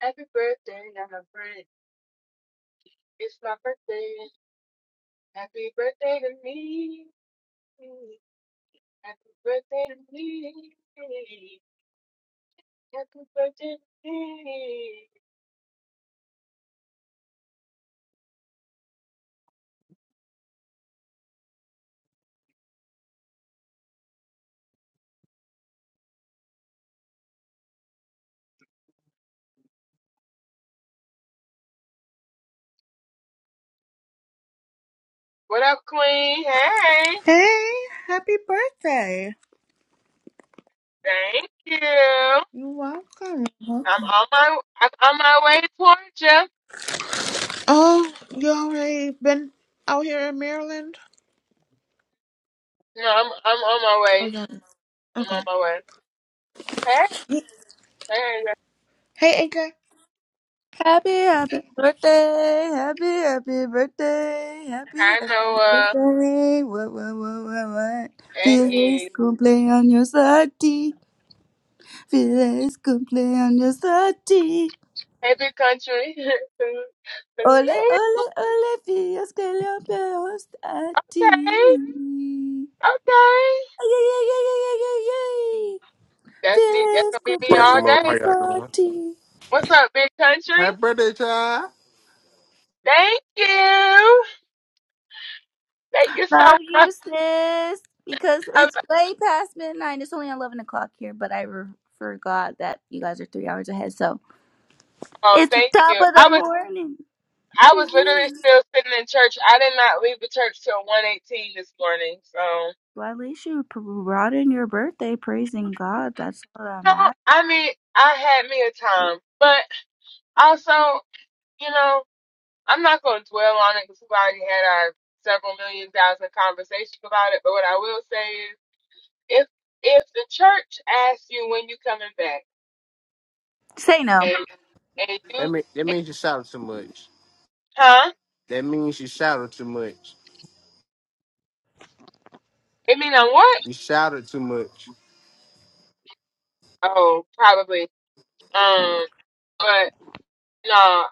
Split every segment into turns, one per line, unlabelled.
Happy birthday, my friend. It's my birthday. Happy birthday to me. Happy birthday to me. Happy birthday to me. What up, Queen? Hey,
Hey, happy birthday.
thank you.
You're welcome. You're welcome.
I'm on my I'm on my way towards you.
Oh, you already been out here in Maryland?
No, I'm I'm on my
Oh,
way.
you
I'm
okay.
on my way. Hey, hey,
Hey, AJ.
Happy, happy birthday, happy, happy birthday, happy,
I
happy
know. Uh,
birthday. What, what, what, what, what? Feliz
hey,
cumpleaños a ti, feliz cumpleaños a ti.
hey, big country.
Ole, ole, ole, feliz cumpleaños a ti.
okay, okay.
Ay, ay, ay, ay, ay, ay, ay, ay.
That's me. That's
Feliz
gonna be me
Praise the
all
Lord. How
day.
cumpleaños
y'all
a
doing?
ti.
What's up, big country?
Happy birthday, child.
Thank you. Thank you so
Love
much.
you, sis. Because
I lo-
it's way past midnight. It's only 11 o'clock here, but I re- forgot that you guys are three hours ahead. So
Oh,
it's the
thank
top
you.
of the
I was
morning
I
to
was literally
you.
still sitting in church. I did not leave the church till one eighteen this morning. So
Well, at least you p- brought in your birthday praising God. That's what I'm
no,
at.
I mean I had me a time, but also you know I'm not gonna dwell on it because we've already had our several million thousand conversations about it. But what I will say is if if the church asks you when you coming back
Say no.
and and you
That mean, that means you shouted too much.
Huh?
That means you shouted too much.
It mean on what?
You shouted too much.
Oh, probably. Um, but no,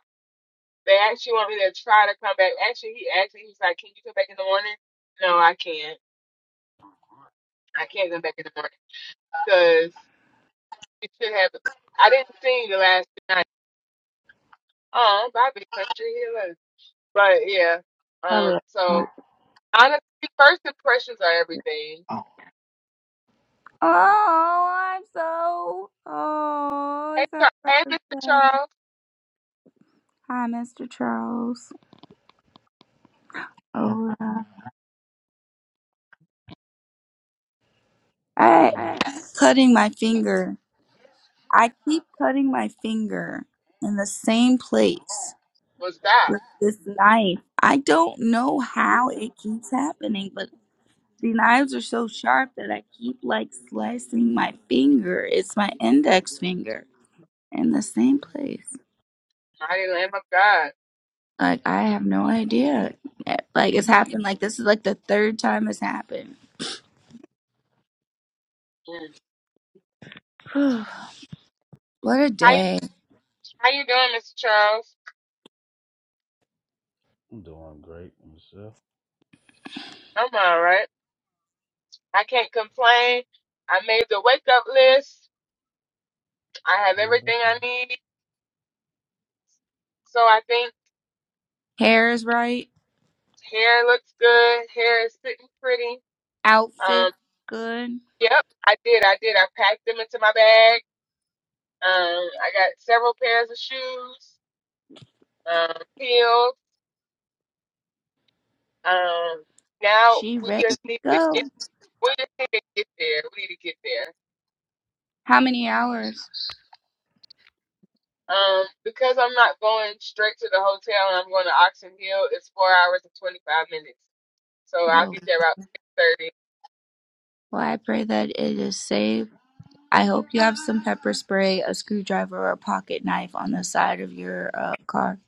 they actually want me to try to come back. Actually, he actually he's like, "Can you come back in the morning?" No, I can't. I can't come back in the morning because you should have. I didn't sing the last night. Oh, Bobby Country Healer. But yeah. Um.
Probably. Oh,
So honestly, first impressions are everything.
I'm so. Oh,
Hey,
it's our
Char- hey, Mr.
birthday.
Charles,
Hi, Mr. Charles. Oh, uh,
I'm
I
doing, Hey,
cutting my finger. I keep cutting my finger in the same place
what's that?
with this knife. I don't know how it keeps happening, but the knives are so sharp that I keep like slicing my finger. It's my index finger in the same place.
Mighty Lamb of God.
Like I have no idea. Eh, Like it's happened. Like this is like the third time it's happened.
Mm.
what a
How you
day.
How you doing, Mr. Charles?
I'm doing great myself.
I'm all right. I can't complain. I made the wake up list. I have
I know that's
everything
you.
I need. So I think
Hair is right.
hair looks good. Hair is sitting pretty.
Outfit
Um,
good.
yep, I did. I did. I packed them into my bag. Um, I got several pairs of shoes, um, heels. Um, now
She
we
ready to
just need to get,
go.
we just need to get there. We need to get there.
How many hours?
Um, because I'm not going straight to the hotel and I'm going to Oxon Hill, it's four hours and 25 minutes. So I'll
No.
get there about 6:30.
Well, I pray that it is safe. I hope you have some pepper spray, a screwdriver, or a pocket knife on the side of your uh, car.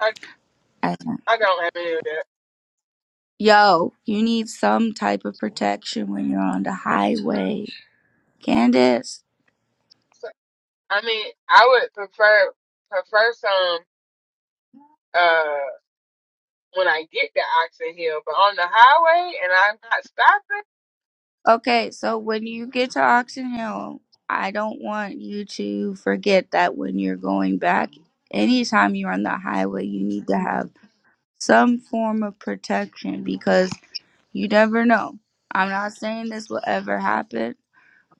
I
I don't-
I don't have any of that.
Yo, you need some type of protection when you're on the highway. Candace.
So, I mean, I would prefer prefer some uh when I get to Oxon Hill, but on the highway and I'm not stopping.
Okay, so when you get to Oxon Hill, I don't want you to forget that when you're going back, anytime you're on the highway, you need to have some form of protection because you never know. I'm not saying this will ever happen,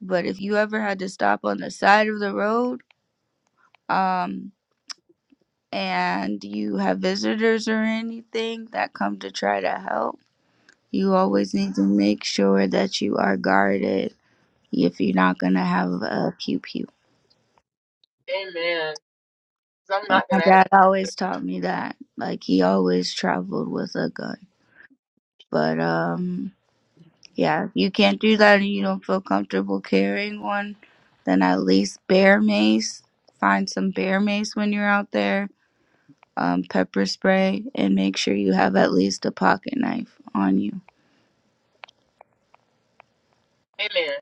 But if you ever had to stop on the side of the road, um, and you have visitors or anything that come to try to help, you always need to make sure that you are guarded if you're not gonna have a pew pew.
Amen. 'Cause I'm
Uh,
not
My
gonna have
dad
to.
always taught me that. Like he always traveled with a gun. But um yeah, if you can't do that and you don't feel comfortable carrying one, then at least bear mace. Find some bear mace when you're out there um, pepper spray and make sure you have at least a pocket knife on you.
Amen.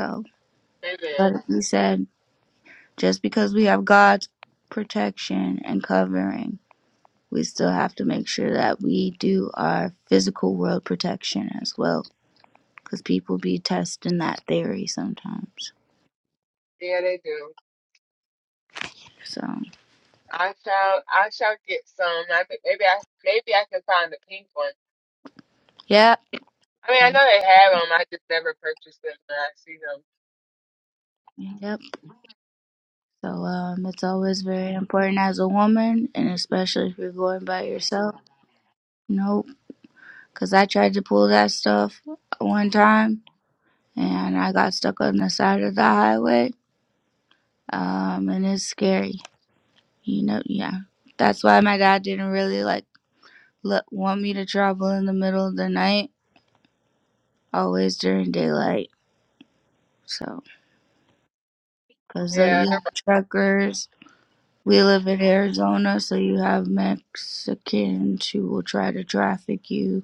So,
Amen.
but he said, just because we have God's protection and covering, we still have to make sure that we do our physical world protection as well, because people be testing that theory sometimes.
Yeah, they do.
So,
I shall I shall get some. I think maybe I maybe I can find a pink one.
yeah.
I mean, I know they have them. I just never purchased them when I see them.
Yep. So um, it's always very important as a woman, and especially if you're going by yourself. Nope. Because I tried to pull that stuff one time and I got stuck on the side of the highway. Um, and it's scary, you know. Yeah, that's why my dad didn't really like let, want me to travel in the middle of the night, always during daylight. So, because uh,
Yeah,
you
the
have truckers, we live in Arizona, so you have Mexicans who will try to traffic you.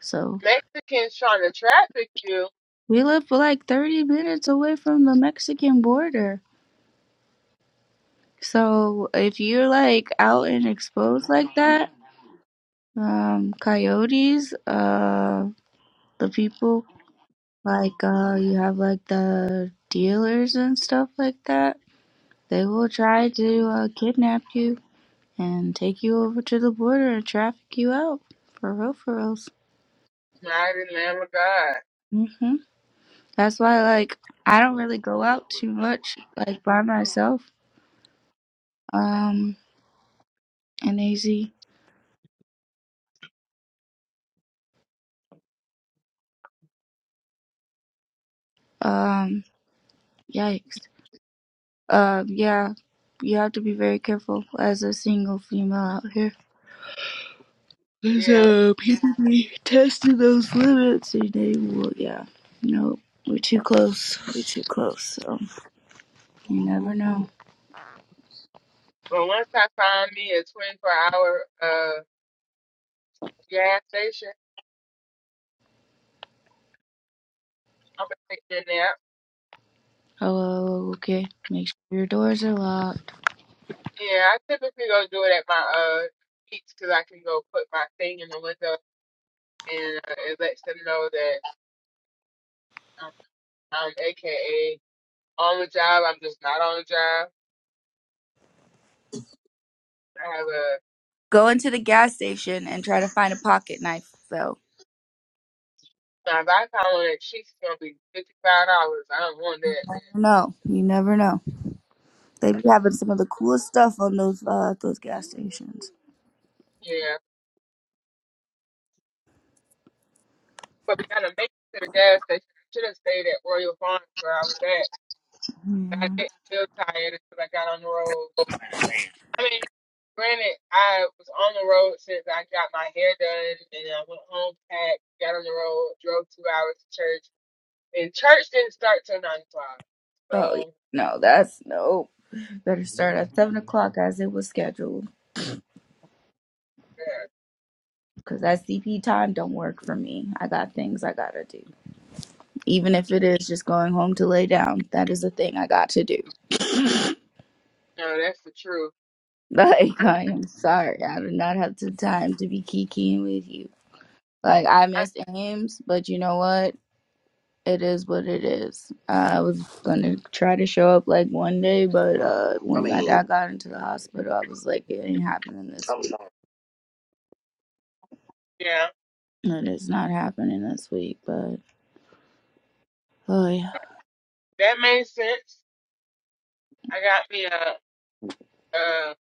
So,
Mexicans trying to traffic you.
we live like 30 minutes away from the Mexican border. So, if you're like out and exposed like that, um coyotes uh the people like uh you have like the dealers and stuff like that they will try to uh, kidnap you and take you over to the border and traffic you out for real for reals
Mighty Lamb of God.
hmm that's why like i don't really go out too much like by myself um and az um yikes um yeah you have to be very careful as a single female out here
Yeah.
So people be testing those limits and they will, yeah. No, we're too close. We're too close. So you never know.
Well, once I find me a 24 hour uh gas station, I'm gonna take that nap.
Hello, okay. Make sure your doors are locked.
Yeah, I typically go do it at my uh beach, cause I can go put my thing in the window and uh, it lets them know that I'm, I'm AKA on the job. I'm just not on the job. I have a
Go into the gas station and try to find a pocket knife, though.
now if I found one Sheets, gonna be fifty five dollars. I don't want that.
No, you never know. They be having some of the coolest stuff on those uh those gas stations.
Yeah, but we gotta make it to the gas station. I Should have stayed at Royal Farms where I was at. I
Yeah.
didn't feel tired until I got on the road. I mean, granted, I was on the road since I got my hair done, and I went home, packed, got on the road, drove two hours to church, and church didn't start till nine o'clock.
Oh yeah.
So
No, that's no. Better start at seven o'clock as it was scheduled,
yeah,
because that CP time don't work for me. I got things I gotta do. even if it is just going home to lay down, that is a thing I got to do.
no, that's the truth.
Like, I am sorry. I do not have the time to be kikiing with you. Like, I
I,
missed games, but you know what? It is what it is. I was going to try to show up like one day, but uh, when my dad got into the hospital, I was like, it ain't happening this week.
yeah,
It is not happening this week, but oh, yeah.
that made sense. I got me a a,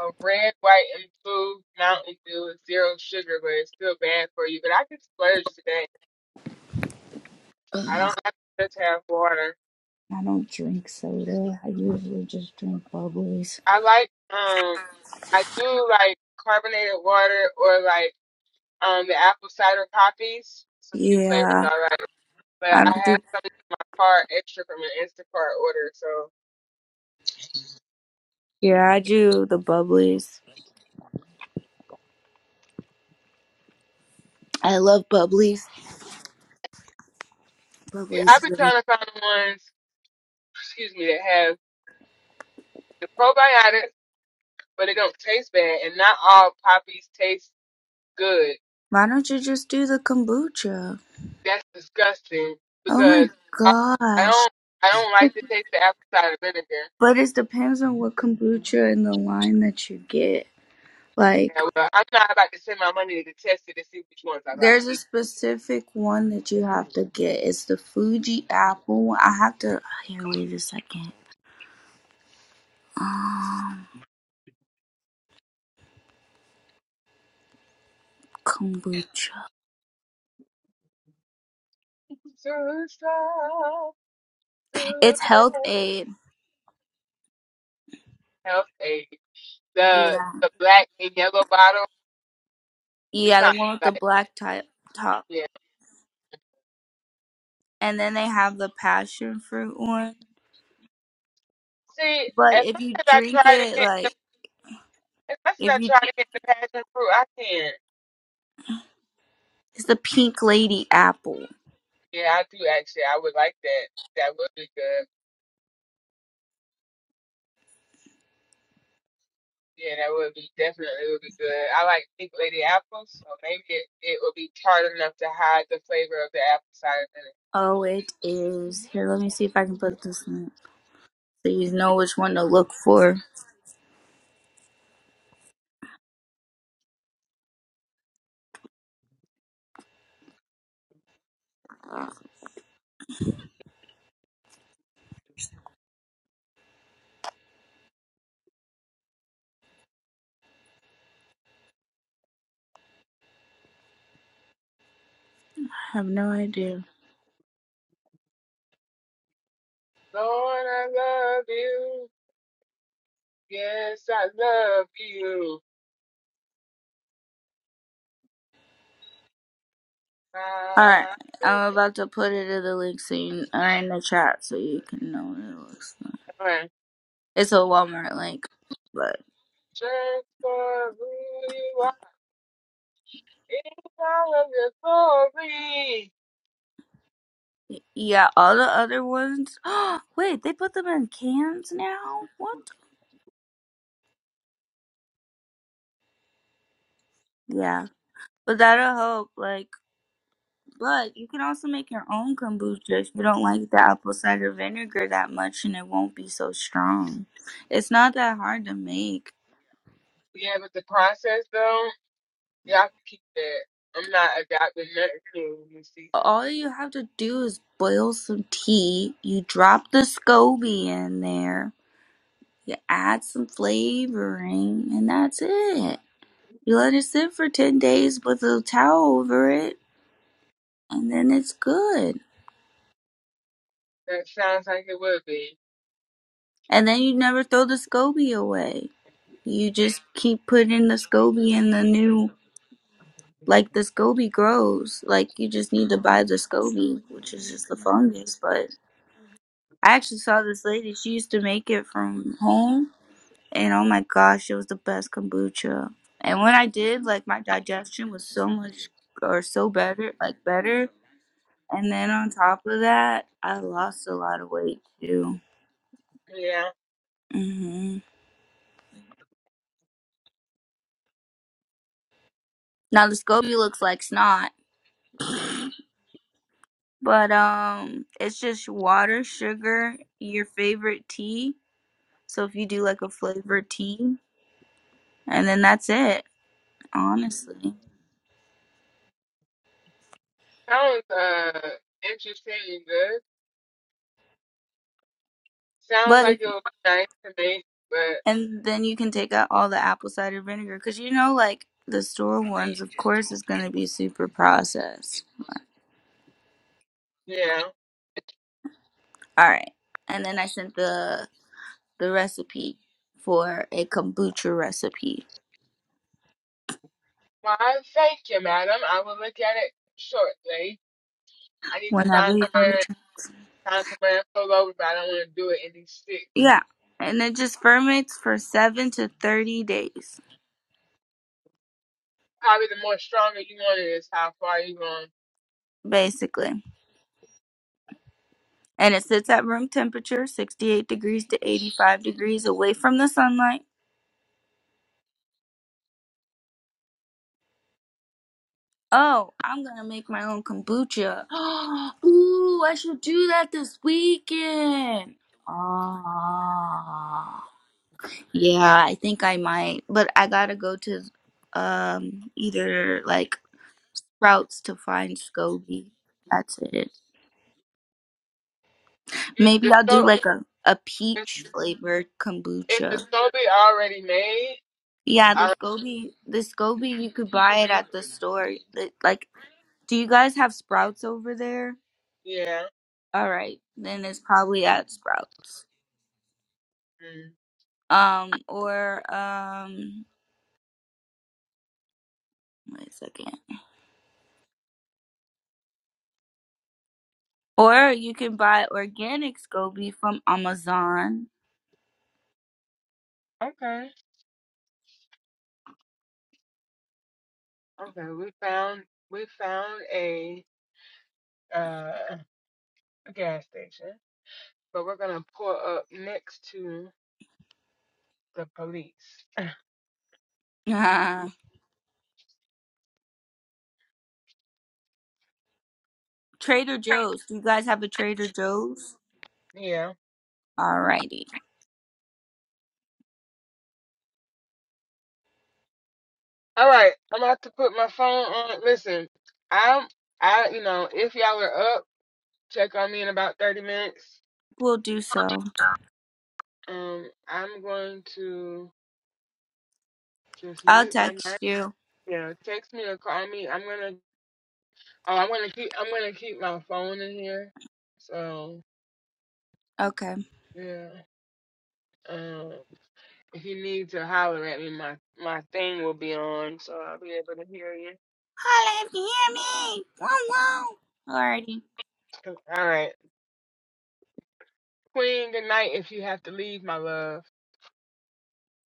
a red, white, and blue Mountain Dew with zero sugar, but it's still bad for you. But I can splurge today. I
Ugh,
don't have to just have water.
I don't drink soda. I usually just drink bubbles.
I like um I do like carbonated water or like um the apple cider poppies. Some few flavors
Yeah.
all right. But
I
I
don't do
have some in my car extra from an Instacart order. So
Yeah, I do the bubblies. I love bubblies.
see I've
Bubblies.
been
good.
trying to find the ones excuse me that have the probiotics but it don't taste bad and not all poppies taste good.
Why don't you just do the kombucha?
That's disgusting
Oh my
because I, I
gosh.
don't I don't like to taste the apple cider vinegar.
But it depends on what kombucha and the line that you get. Like,
Yeah, well, I'm not about to send my money to test it to see which ones I like.
there's a specific one that you have to get. It's the Fuji apple. one. I have to. Here, wait a second. Um, kombucha.
to strive to
It's
live
Health Aid.
health aid. The
Yeah.
the black and yellow bottle. It's
Yeah, the
not
one with the
black.
black type top.
Yeah.
And then they have the passion fruit one.
See,
But
as
if
much
you
as I
drink
try to
it,
get,
like
as much as
if
I
you,
try to get the passion fruit, I can't.
it's the pink lady apple.
Yeah, I do actually. I would like that. That would be good. Yeah, that would be definitely would be good. I like pink lady apples, so maybe it, it would be tart enough to hide the flavor of the apple cider vinegar.
Oh, it is. Here, let me see if I can put this in. So you know which one to look for. I have no idea.
Lord, I love you. Yes, I love you.
All right,
Ah.
I'm about to put it in the link so you, or in the chat so you can know what it looks like. It's a Walmart link, but
Just for who you are in all of your glory.
yeah, all the other ones. Wait, they put them in cans now? What? Yeah, but that'll help. Like. But you can also make your own kombucha if you don't like the apple cider vinegar that much and it won't be so strong. It's not that hard to make.
Yeah, but the process though, y'all can keep that. I'm not adopting nothing new this season.
All you have to do is boil some tea, you drop the SCOBY in there, you add some flavoring, and that's it. You let it sit for 10 days with a towel over it, and then it's good.
That sounds like it would be.
And then you never throw the SCOBY away. You just keep putting the SCOBY in the new Like the SCOBY grows. Like you just need to buy the SCOBY, which is just the fungus. But I actually saw this lady. She used to make it from home, and oh my gosh, it was the best kombucha. And when I did, like my digestion was so much or so better, like better. And then on top of that, I lost a lot of weight too.
Yeah.
hmm Now the SCOBY looks like snot, but um, it's just water, sugar, your favorite tea So if you do like a flavored tea, and then that's it, honestly.
Sounds uh interesting and good. Sounds
But if,
like it would be nice to me, but
and then you can take out all the apple cider vinegar because you know, like the store ones, of course, is gonna be super processed.
yeah.
All right, and then I sent the the recipe for a kombucha recipe.
Well, I thank you, madam. I will look at it shortly. I need to find
Whenever you
somewhere
get a chance,
find somewhere and pull over, but I don't want to do it in these sticks.
yeah, and it just ferments for seven to thirty days,
probably the more stronger you want it is how far you going.
basically and it sits at room temperature 68 degrees to 85 degrees away from the sunlight Oh, I'm gonna make my own kombucha. Ooh, I should do that this weekend. Ah, yeah, I think I might, but I gotta go to um either like Sprouts to find SCOBY. That's it.
You,
Maybe
the
I'll
so
do like a a
is
peach flavored
is the
kombucha.
Sobe already made?
Yeah, the
I,
SCOBY, the SCOBY, you could buy it at the store. It- Like, do you guys have Sprouts over there?
yeah.
All right, then it's probably at Sprouts.
Mm.
Um, or um, wait a second. Or you can buy organic SCOBY from Amazon.
Okay. Okay. We found we found a uh a gas station, but we're gonna pull up next to the police.
Trader
Right.
Joe's. Do you guys have a Trader Joe's?
Yeah.
Alrighty,
All right. I'm about to put my phone on. Listen, I'm I you know if y'all are up, check on me in about thirty minutes.
we'll do
I'll do
so.
so. Um, I'm going to. Just
I'll
mute my
text
mic.
you.
Yeah, text me or call me. I'm gonna. Oh, I'm gonna keep. I'm gonna keep my phone in here. So
Okay.
yeah. Um, if you need to holler at me, my my thing will be on, so I'll be able to hear you.
Holla if you hear me. whoa. wow. Alrighty.
All right, Queen. Good night. If you have to leave, my love.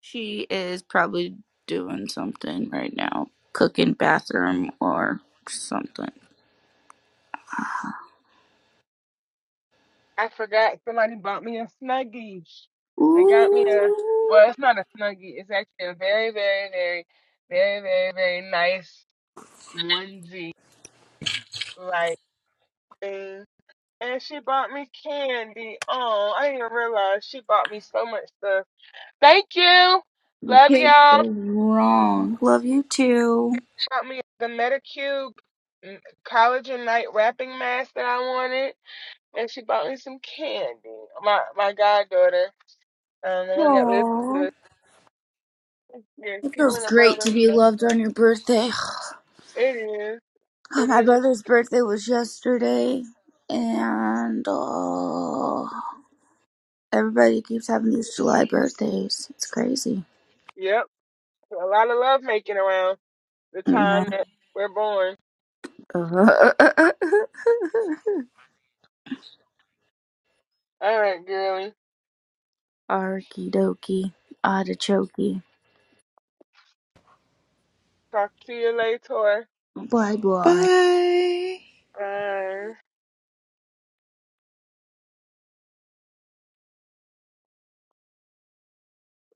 She is probably doing something right now, cooking bathroom or something.
I forgot somebody bought me a snuggie. They got me a.
Ooh.
Well, it's not a snuggie. It's actually a very, very, very, very, very, very nice onesie like thing And she bought me candy. Oh, I didn't even realize she bought me so much stuff. Thank you.
You
Love
can't go
y'all. She
wrong. Love you too.
bought me the Metacube mm, collagen night wrapping mask that I wanted. And she bought me some candy. My my goddaughter, um, the one that lives with
Aww.
us, yeah,
It
she
feels
went above
great to be
and
loved on your birthday.
It is.
Uh,
It
My
is.
brother's birthday was yesterday, and uh, everybody keeps having these July birthdays. It's crazy.
Yep. A lot of love making around the time
Mm-hmm.
that we're born. All right, girlie.
Arky dokie, artichoke,
Talk to you later.
bye bye.
Bye.
Bye.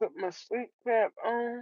Put my sleep cap on.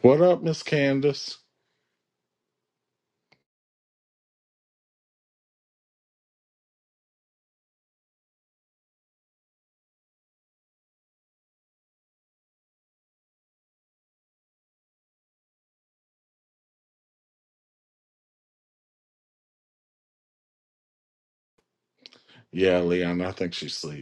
What up, Miss Candace? Yeah, Leon, I think she's asleep.